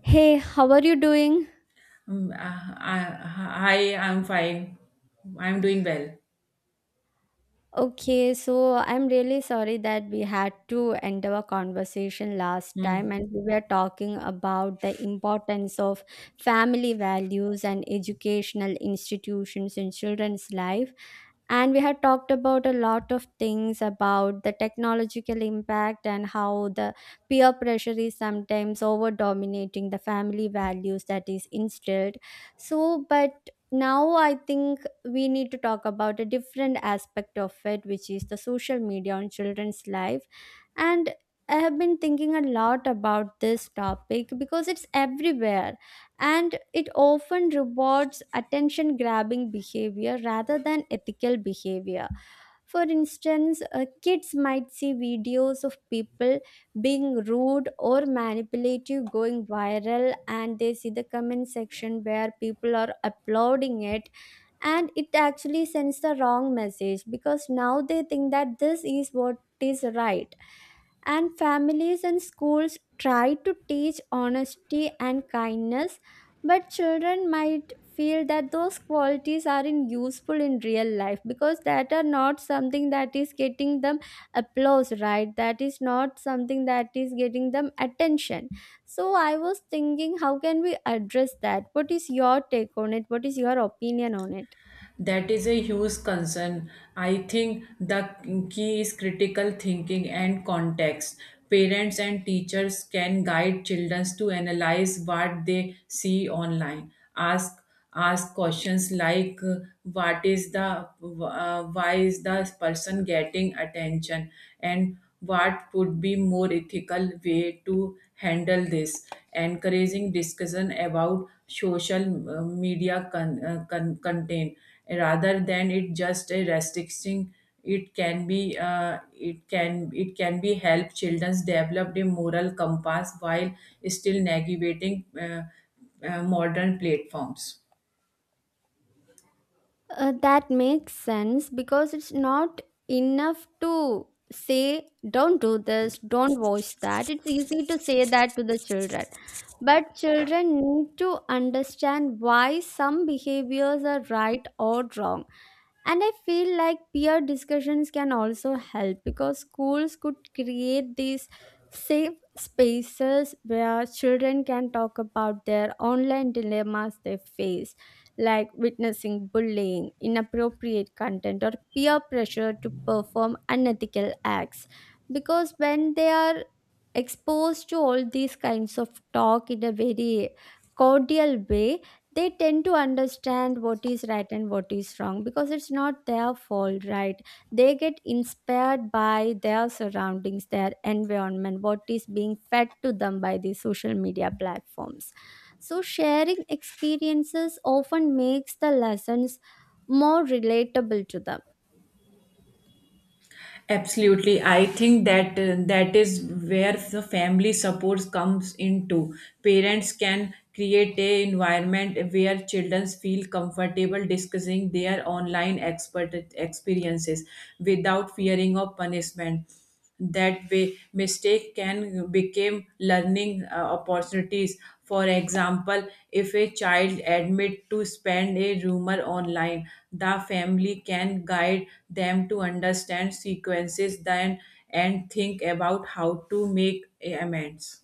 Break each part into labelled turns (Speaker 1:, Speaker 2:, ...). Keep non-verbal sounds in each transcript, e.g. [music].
Speaker 1: Hey, how are you doing?
Speaker 2: Mm, Hi, I'm fine. I'm doing well.
Speaker 1: Okay, so I'm really sorry that we had to end our conversation last time,
Speaker 2: Hmm.
Speaker 1: and we were talking about the importance of family values and educational institutions in children's life. And we had talked about a lot of things about the technological impact and how the peer pressure is sometimes over dominating the family values that is instilled. So, but now I think we need to talk about a different aspect of it, which is the social media on children's life. And I have been thinking a lot about this topic because it's everywhere, and it often rewards attention grabbing behavior rather than ethical behavior. For instance, kids might see videos of people being rude or manipulative going viral, and they see the comment section where people are applauding it, and it actually sends the wrong message because now they think that this is what is right. And families and schools try to teach honesty and kindness, but children might feel that those qualities aren't useful in real life because that are not something that is getting them applause, right? That is not something that is getting them attention. So I was thinking, how can we address that? What is your take on it? What is your opinion on it?
Speaker 2: That is a huge concern. I think the key is critical thinking and context. Parents and teachers can guide children to analyze what they see online. Ask ask questions like, what is the why is the person getting attention, and what would be more ethical way to handle this, encouraging discussion about social media content rather than it just a restricting. It can be it can be help childrens develop a moral compass while still navigating modern platforms.
Speaker 1: That makes sense because it's not enough to say, don't do this, don't watch that. It's easy to say that to the children. But children need to understand why some behaviors are right or wrong. And I feel like peer discussions can also help because schools could create these safe spaces where children can talk about their online dilemmas they face, like witnessing bullying, inappropriate content, or peer pressure to perform unethical acts. Because when they are exposed to all these kinds of talk in a very cordial way, they tend to understand what is right and what is wrong because it's not their fault, right? They get inspired by their surroundings, their environment, what is being fed to them by the social media platforms. So sharing experiences often makes the lessons more relatable to them.
Speaker 2: Absolutely. I think that is where the family support comes into. Parents can create a environment where children feel comfortable discussing their online expert experiences without fearing of punishment. That way, mistake can become learning opportunities. For example, if a child admit to spend a rumor online, the family can guide them to understand sequences, then, and think about how to make amends.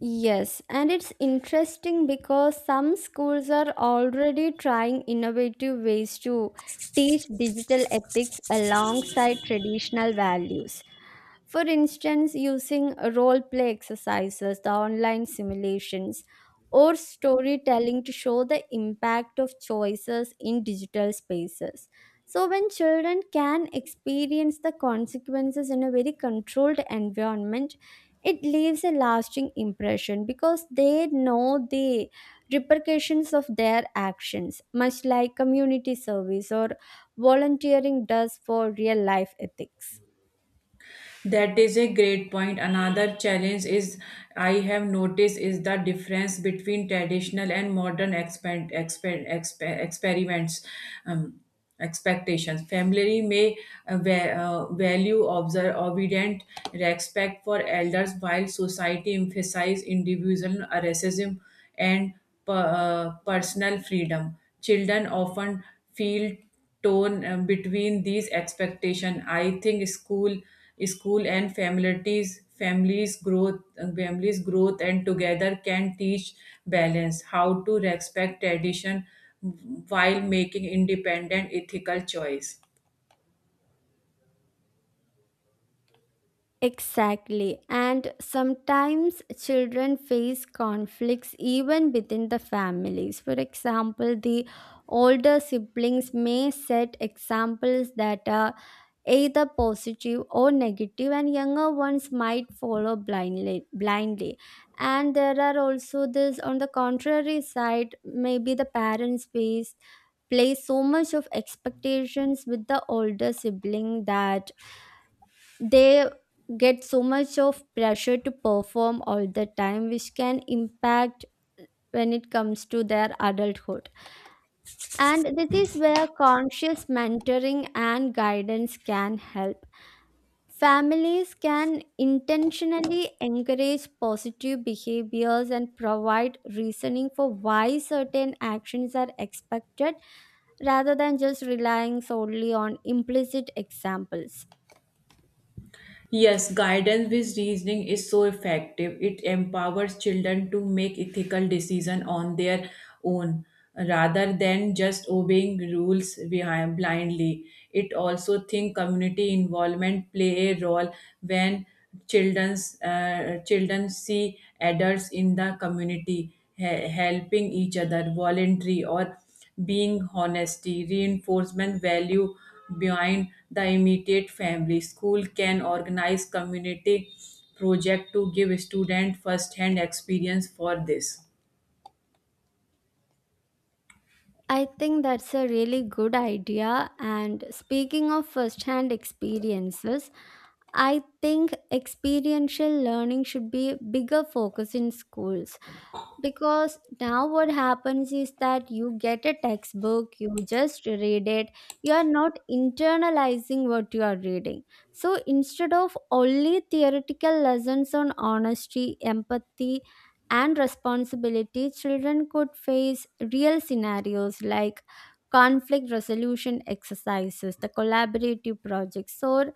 Speaker 1: Yes, and it's interesting because some schools are already trying innovative ways to teach digital ethics alongside traditional values. For instance, using role play exercises, the online simulations, or storytelling to show the impact of choices in digital spaces. So, when children can experience the consequences in a very controlled environment, it leaves a lasting impression because they know the repercussions of their actions, much like community service or volunteering does for real life ethics.
Speaker 2: That is a great point. Another challenge is, I have noticed, is the difference between traditional and modern experiments. Um, expectations family may, value observe obedient, respect for elders, while society emphasizes individual asceticism and personal freedom. Children often feel tone, between these expectation. I think school and families growth and together can teach balance, how to respect tradition while making independent ethical choice.
Speaker 1: Exactly. And sometimes children face conflicts even within the families. For example, the older siblings may set examples that are either positive or negative, and younger ones might follow blindly. And there are also this on the contrary side. Maybe the parents face place so much of expectations with the older sibling that they get so much of pressure to perform all the time, which can impact when it comes to their adulthood. And this is where conscious mentoring and guidance can help. Families can intentionally encourage positive behaviors and provide reasoning for why certain actions are expected rather than just relying solely on implicit examples.
Speaker 2: Yes, guidance with reasoning is so effective. It empowers children to make ethical decisions on their own rather than just obeying rules behind blindly. It also think community involvement play a role when children see adults in the community helping each other, voluntary or being honesty, reinforcement value behind the immediate family. School can organize community project to give student first hand experience for this.
Speaker 1: I think that's a really good idea. And speaking of first hand experiences, I think experiential learning should be a bigger focus in schools because now what happens is that you get a textbook, you just read it, you are not internalizing what you are reading. So instead of only theoretical lessons on honesty, empathy, and responsibility, children could face real scenarios like conflict resolution exercises, the collaborative projects, or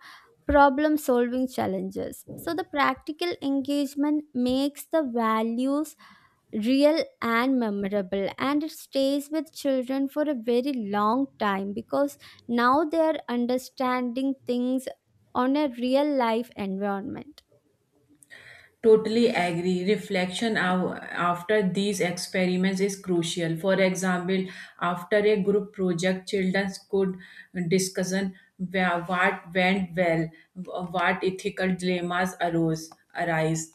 Speaker 1: problem solving challenges. So the practical engagement makes the values real and memorable, and it stays with children for a very long time because now they are understanding things on a real life environment.
Speaker 2: Totally agree. Reflection, after these experiments, is crucial. For example, after a group project, children could discuss what went well, what ethical dilemmas arose arise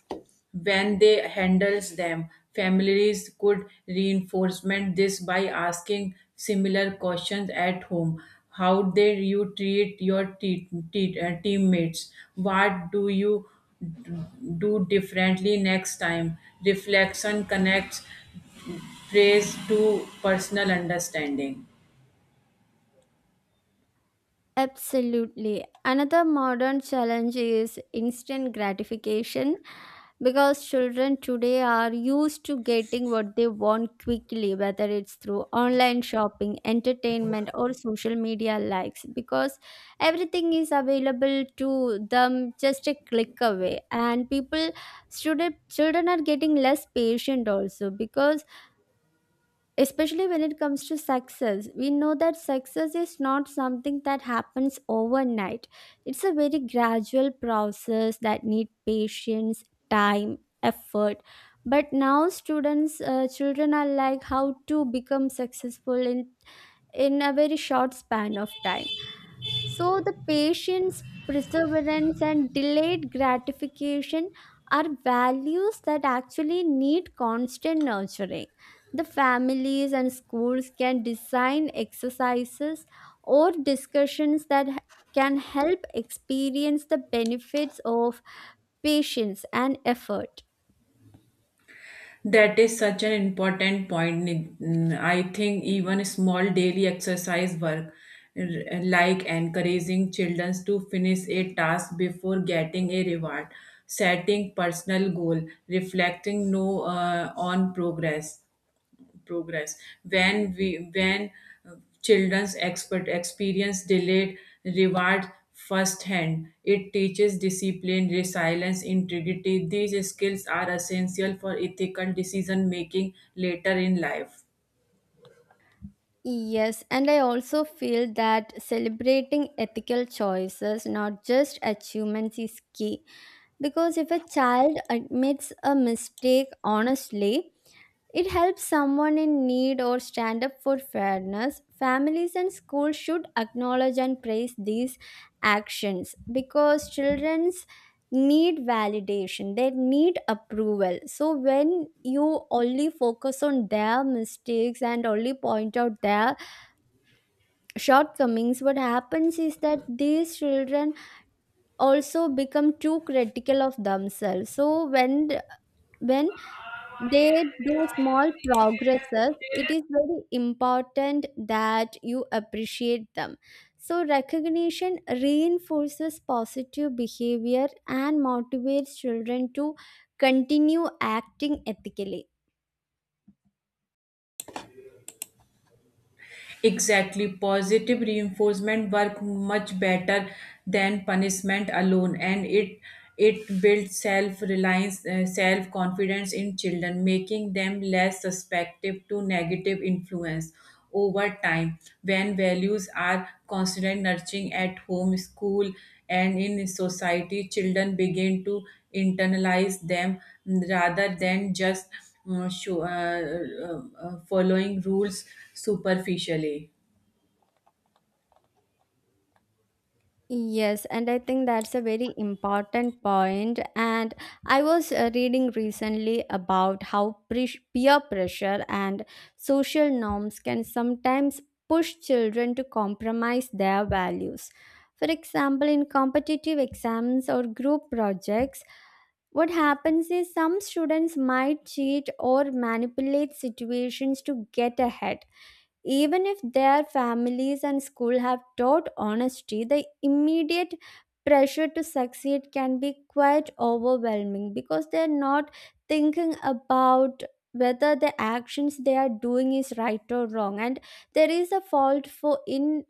Speaker 2: when they handles them. Families could reinforcement this by asking similar questions at home. How did you treat your teammates? What do you do differently next time. Reflection connects praise to personal understanding.
Speaker 1: Absolutely. Another modern challenge is instant gratification because children today are used to getting what they want quickly, whether it's through online shopping, entertainment, or social media likes, because everything is available to them just a click away. And people, student, children are getting less patient also because, especially when it comes to success, we know that success is not something that happens overnight. It's a very gradual process that need patience, time, effort. But now students, children are like how to become successful in a very short span of time. So the patience, perseverance, and delayed gratification are values that actually need constant nurturing. The families and schools can design exercises or discussions that can help experience the benefits of patience and effort.
Speaker 2: That is such an important point. I think even small daily exercise work, like encouraging children to finish a task before getting a reward, setting personal goal, reflecting no on progress. When uh, children's expert experience delayed reward firsthand, it teaches discipline, resilience, integrity. These skills are essential for ethical decision making later in life.
Speaker 1: Yes, and I also feel that celebrating ethical choices, not just achievements, is key. Because if a child admits a mistake honestly, it helps someone in need or stand up for fairness. Families and schools should acknowledge and praise these actions because children's need validation, they need approval. So when you only focus on their mistakes and only point out their shortcomings, what happens is that these children also become too critical of themselves. So when they do small progresses, it is very important that you appreciate them. So recognition reinforces positive behavior and motivates children to continue acting ethically.
Speaker 2: Exactly, positive reinforcement work much better than punishment alone, and it builds self reliance, self confidence in children, making them less susceptible to negative influence over time. When values are constantly nurturing at home, school, and in society, children begin to internalize them rather than just uh, show, uh, uh, following rules superficially.
Speaker 1: Yes, and I think that's a very important point. And I was reading recently about how peer pressure and social norms can sometimes push children to compromise their values. For example, in competitive exams or group projects, what happens is some students might cheat or manipulate situations to get ahead. Even if their families and school have taught honesty, the immediate pressure to succeed can be quite overwhelming because they're not thinking about whether the actions they are doing is right or wrong. And there is a fault for in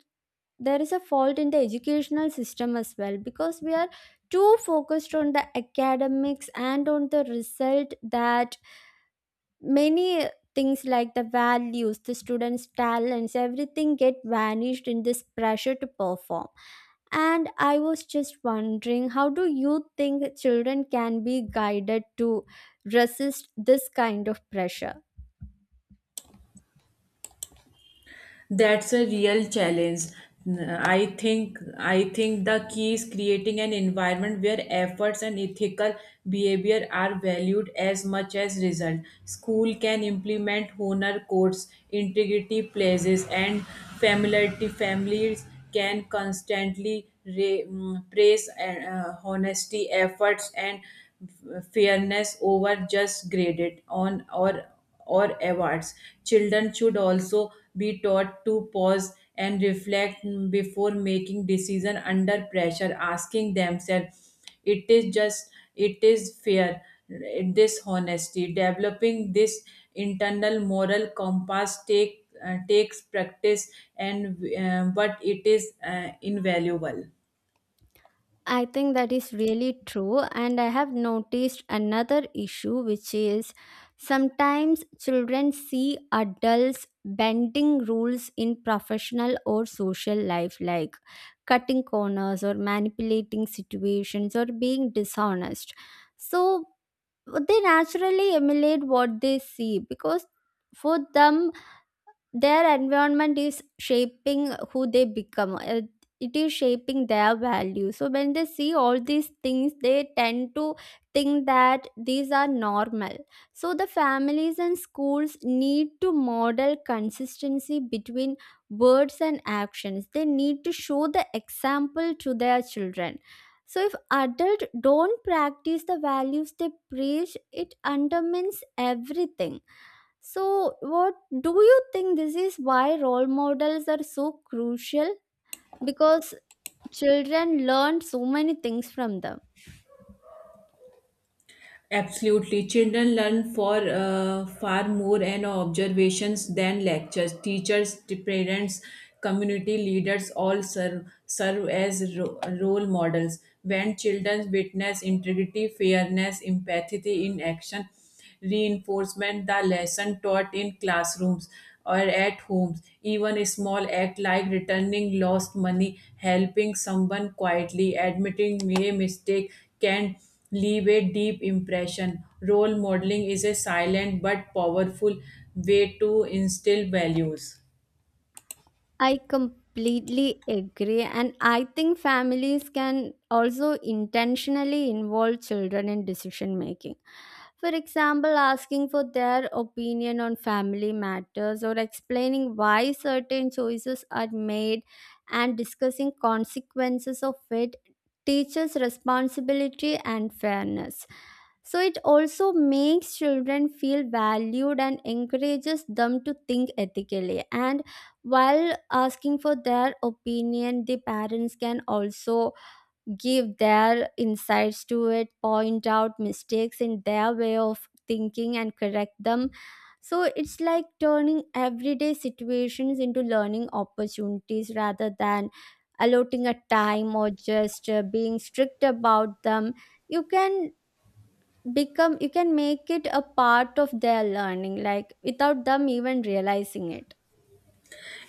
Speaker 1: there is a fault in the educational system as well because we are too focused on the academics and on the result that many things like the values, the students talents, everything get vanished in this pressure to perform. And I was just wondering, how do you think children can be guided to resist this kind of pressure?
Speaker 2: That's a real challenge. I think the key is creating an environment where efforts and ethical behavior are valued as much as result. School can implement honor codes, integrity pledges, and familiarity. Families can constantly praise honesty, efforts, and fairness over just graded on or awards. Children should also be taught to pause and reflect before making decision under pressure, asking themselves, "It is just, it is fair." This honesty, developing this internal moral compass, takes practice, and but it is invaluable.
Speaker 1: I think that is really true, and I have noticed another issue, which is sometimes children see adults bending rules in professional or social life, like cutting corners or manipulating situations or being dishonest. So they naturally emulate what they see because for them their environment is shaping who they become. It is shaping their value. So when they see all these things, they tend to think that these are normal. So the families and schools need to model consistency between words and actions. They need to show the example to their children. So if adults don't practice the values they preach, it undermines everything. So, what do you think? This is why role models are so crucial? Because children learn so many things from them.
Speaker 2: Absolutely. Children learn for far more and observations than lectures. Teachers, parents, community leaders all serve as role models. When children witness integrity, fairness, empathy in action, reinforcement the lesson taught in classrooms or at homes. Even a small act, like returning lost money, helping someone quietly, admitting a mistake, can leave a deep impression. Role modeling is a silent but powerful way to instill values.
Speaker 1: I completely agree. And I think families can also intentionally involve children in decision making. For example, asking for their opinion on family matters or explaining why certain choices are made and discussing consequences of it teaches responsibility and fairness. So it also makes children feel valued and encourages them to think ethically. And while asking for their opinion, the parents can also give their insights to it, point out mistakes in their way of thinking, and correct them. So it's like turning everyday situations into learning opportunities rather than allotting a time or just being strict about them. You can become you can make it a part of their learning like without them even realizing it.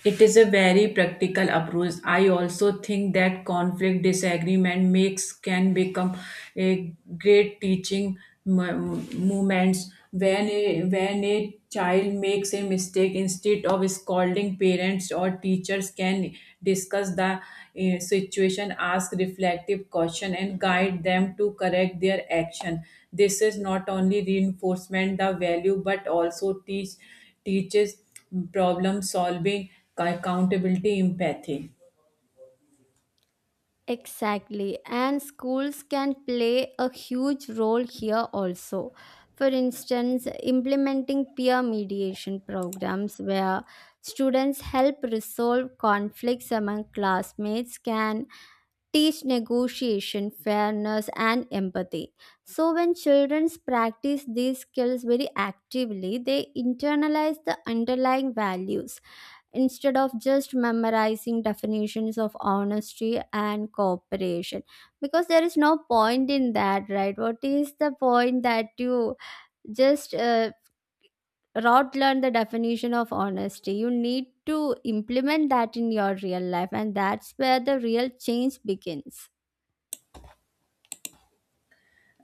Speaker 2: It is a very practical approach. I also think that conflict disagreement makes can become a great teaching moments when a child makes a mistake. Instead of scolding, parents or teachers can discuss the situation, ask reflective question, and guide them to correct their action. This is not only reinforcement the value but also teaches problem solving, accountability, empathy.
Speaker 1: Exactly, and schools can play a huge role here also. For instance, implementing peer mediation programs where students help resolve conflicts among classmates can teach negotiation, fairness, and empathy. So, when children practice these skills very actively, they internalize the underlying values instead of just memorizing definitions of honesty and cooperation. Because there is no point in that, right? What is the point that you just rote learn the definition of honesty? You need to implement that in your real life, and that's where the real change begins.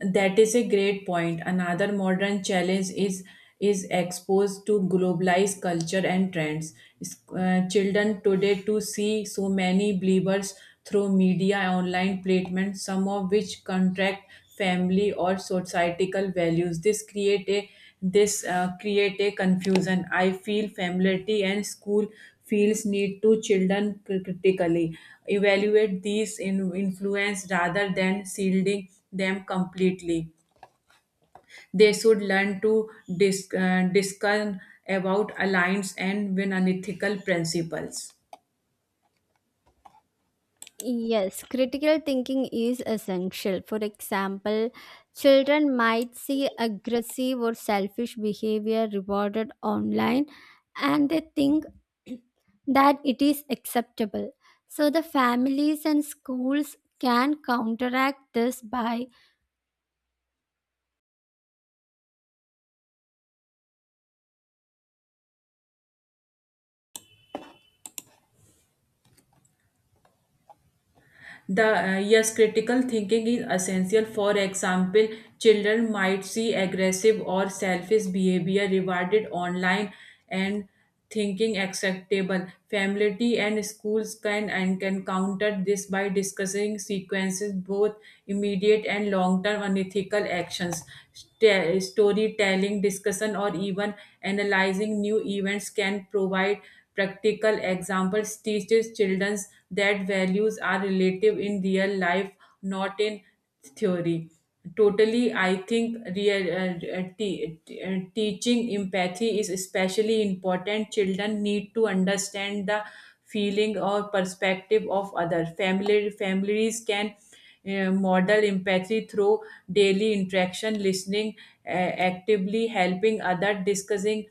Speaker 2: That is a great point. Another modern challenge is exposed to globalized culture and trends. Children today to see so many believers through media, online platforms, some of which contract family or societal values. This create a confusion. I feel familiarity and school feels need to children critically evaluate these in influence rather than shielding them completely. They should learn to discuss about alliance and unethical principles.
Speaker 1: Yes, critical thinking is essential. For example, children might see aggressive or selfish behavior rewarded online and they think [clears throat] that it is acceptable. So, the families and schools can counteract this by
Speaker 2: The yes, critical thinking is essential. For example, children might see aggressive or selfish behavior rewarded online and thinking acceptable. Family and schools can counter this by discussing sequences, both immediate and long-term unethical actions. Storytelling, discussion, or even analyzing new events can provide practical examples. Teaches children that values are relative in real life, not in theory. Totally, I think real, teaching empathy is especially important. Children need to understand the feeling or perspective of other. Family families can model empathy through daily interaction, listening actively, helping other, discussing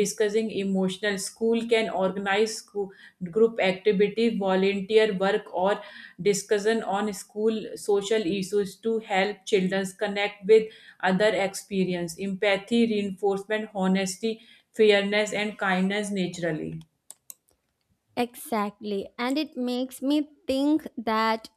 Speaker 2: discussing emotional school can organize group activity, volunteer work, or discussion on school social issues to help children connect with other experience empathy reinforcement honesty fairness and kindness naturally.
Speaker 1: exactly, and it makes me think that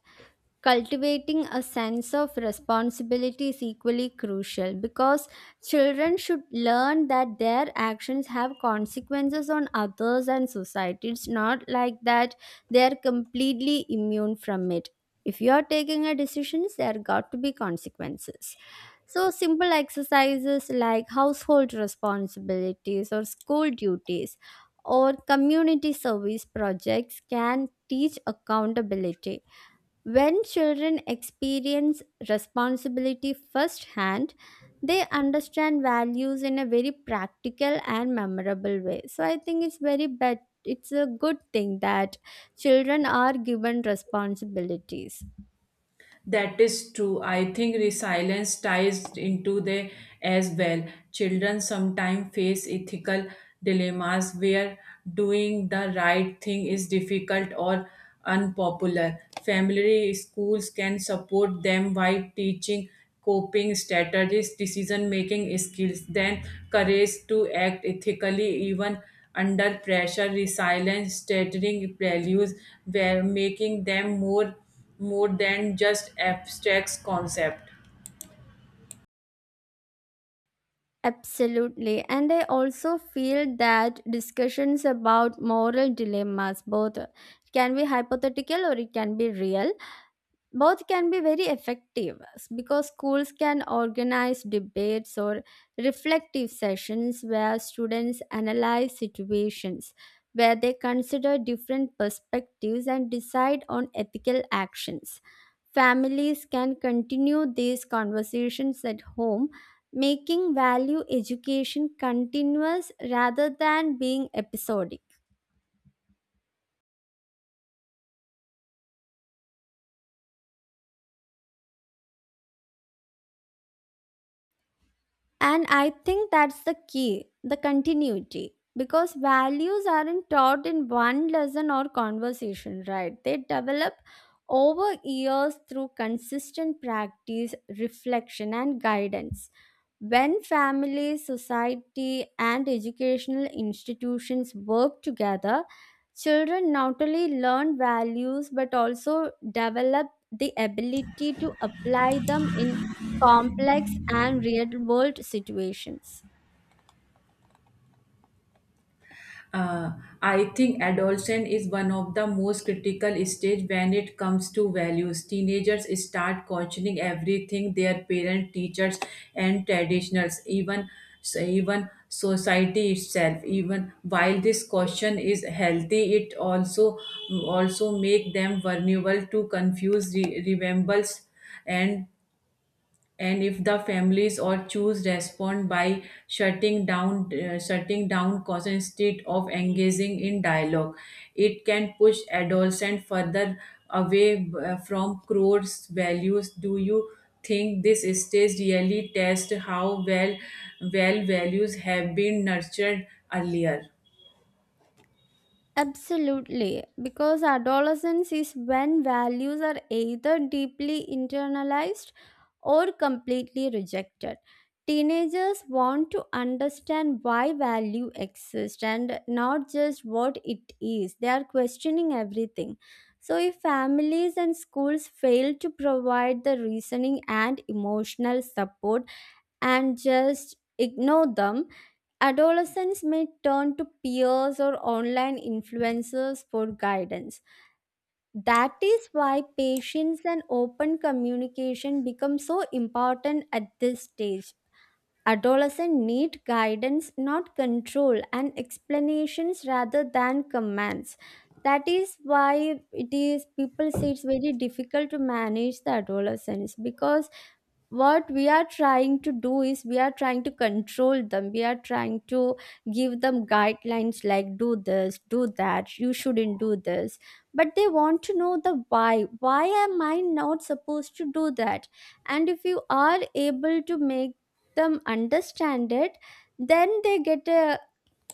Speaker 1: cultivating a sense of responsibility is equally crucial because children should learn that their actions have consequences on others and society. It's not like that they are completely immune from it. If you are taking a decision, there got to be consequences. So, simple exercises like household responsibilities or school duties or community service projects can teach accountability. When children experience responsibility firsthand, they understand values in a very practical and memorable way. So I think it's very bet it's a good thing that children are given responsibilities.
Speaker 2: That is true. I think resilience ties into the as well. Children sometimes face ethical dilemmas where doing the right thing is difficult or unpopular. Family schools can support them by teaching coping strategies, decision making skills, then courage to act ethically even under pressure, resilience, stating values, were making them more than just abstract concept.
Speaker 1: Absolutely. And I also feel that discussions about moral dilemmas, both can be hypothetical or it can be real, both can be very effective because schools can organize debates or reflective sessions where students analyze situations, where they consider different perspectives and decide on ethical actions. Families can continue these conversations at home, making value education continuous rather than being episodic. And I think that's the key, the continuity. Because values aren't taught in one lesson or conversation, right? They develop over years through consistent practice, reflection, and guidance. When family, society, and educational institutions work together, children not only learn values but also develop the ability to apply them in complex and real world situations.
Speaker 2: Uh, I think adolescence is one of the most critical stage when it comes to values. Teenagers start questioning everything, their parents, teachers, and traditionals, even society itself. Even while this question is healthy, it also make them vulnerable to confuse rebels. And and if the families or choose respond by shutting down cause instead of engaging in dialogue, it can push adolescent further away from core values. Do you think this stage really tests how well values have been nurtured earlier?
Speaker 1: Absolutely, because adolescence is when values are either deeply internalized or completely rejected. Teenagers want to understand why value exists and not just what it is. They are questioning everything. So, if families and schools fail to provide the reasoning and emotional support and just ignore them, adolescents may turn to peers or online influencers for guidance. That is why patience and open communication become so important at this stage. Adolescents need guidance, not control, and explanations rather than commands. That is why it is people say it's very difficult to manage the adolescents, because what we are trying to do is we are trying to control them, we are trying to give them guidelines like do this, do that, you shouldn't do this, but they want to know the why. Why am I not supposed to do that? And if you are able to make them understand it, then they get a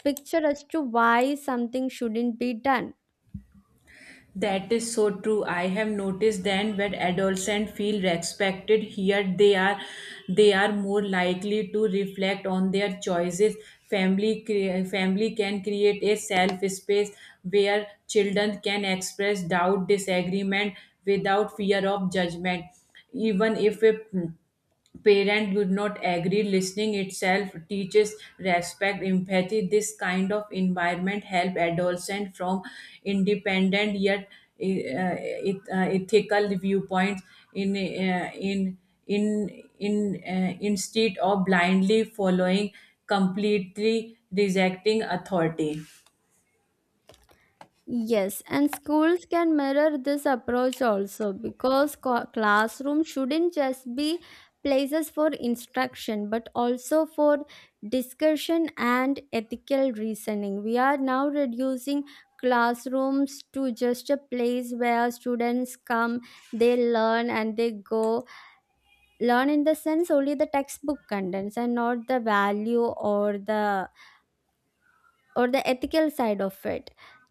Speaker 1: picture as to why something shouldn't be done.
Speaker 2: That is so true. I have noticed then when adolescents feel respected here, they are more likely to reflect on their choices. Family can create a self space where children can express doubt disagreement without fear of judgment. Even if a parent would not agree, listening itself teaches respect empathy. This kind of environment help adolescent from independent yet uh, uh, ethical viewpoints, in uh, in in in instead of blindly following, completely rejecting authority.
Speaker 1: Yes, and schools can mirror this approach also, because classroom shouldn't just be places for instruction but also for discussion and ethical reasoning. We are now reducing classrooms to just a place where students come, they learn and they go. Learn in the sense only the textbook contents and not the value or the ethical side of it.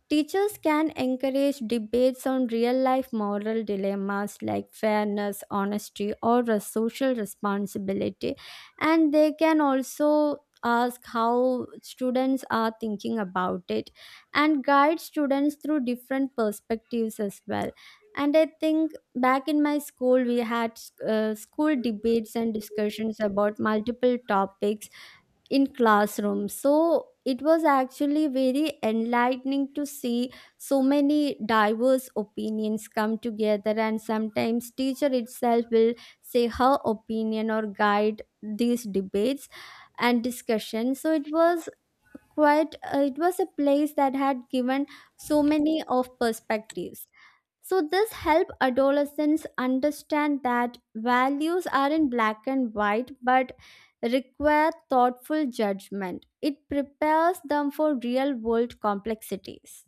Speaker 1: Teachers can encourage debates on real life moral dilemmas like fairness, honesty, or a social responsibility, and they can also ask how students are thinking about it and guide students through different perspectives as well. And I think back in my school, we had school debates and discussions about multiple topics in classrooms, so it was actually very enlightening to see so many diverse opinions come together, and sometimes teacher itself will say her opinion or guide these debates and discussions. So it was quite it was a place that had given so many of perspectives. So this help adolescents understand that values are in black and white but require thoughtful judgment. It prepares them for real world complexities.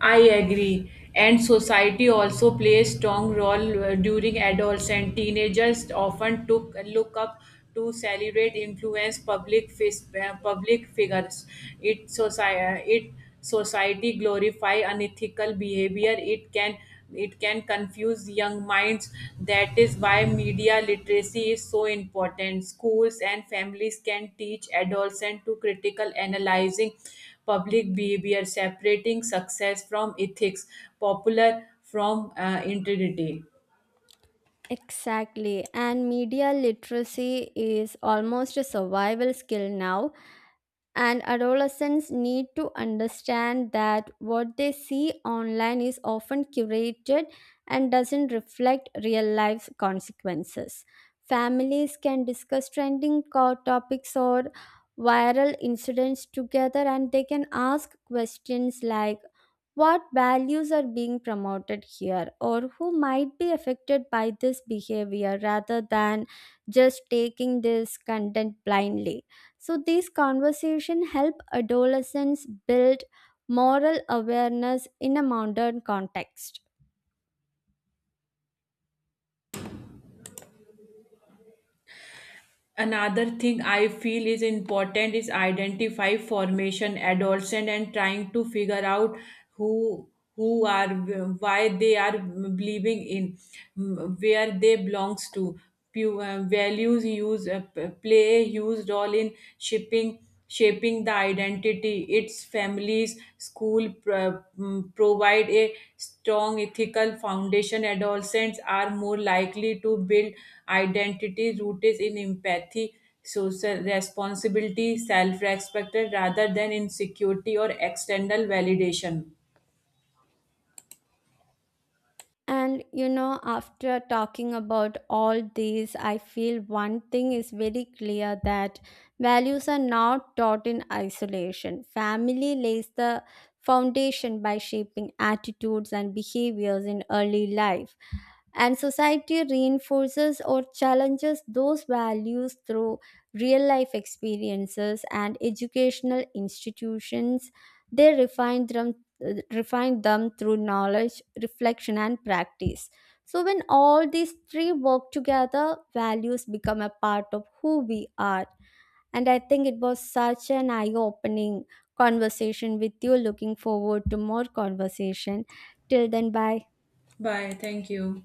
Speaker 2: I agree. And society also plays strong role during adolescence. Teenagers often took look up to celebrate influence public public figures. It society glorify unethical behavior. It can confuse young minds. That is why media literacy is so important. Schools and families can teach adolescents to critical analyzing public behavior, separating success from ethics, popular from integrity.
Speaker 1: Exactly, and media literacy is almost a survival skill now, and adolescents need to understand that what they see online is often curated and doesn't reflect real life consequences. Families can discuss trending topics or viral incidents together, and they can ask questions like, what values are being promoted here, or who might be affected by this behavior, rather than just taking this content blindly. So these conversations help adolescents build moral awareness in a modern context.
Speaker 2: Another thing I feel is important is identify formation adolescent, and trying to figure out who who are, why they are believing in, where they belongs to. Values play a huge role in shaping the identity. Its families, school provide a strong ethical foundation. Adolescents are more likely to build identity rooted in empathy, social responsibility, self-respect rather than insecurity or external validation.
Speaker 1: And you know, after talking about all these, I feel one thing is very clear, that values are not taught in isolation. Family lays the foundation by shaping attitudes and behaviors in early life, and society reinforces or challenges those values through real life experiences, and educational institutions, they refine them through knowledge, reflection and practice. So when all these three work together, values become a part of who we are. And I think it was such an eye opening conversation with you. Looking forward to more conversation. Till then, bye.
Speaker 2: Bye. Thank you.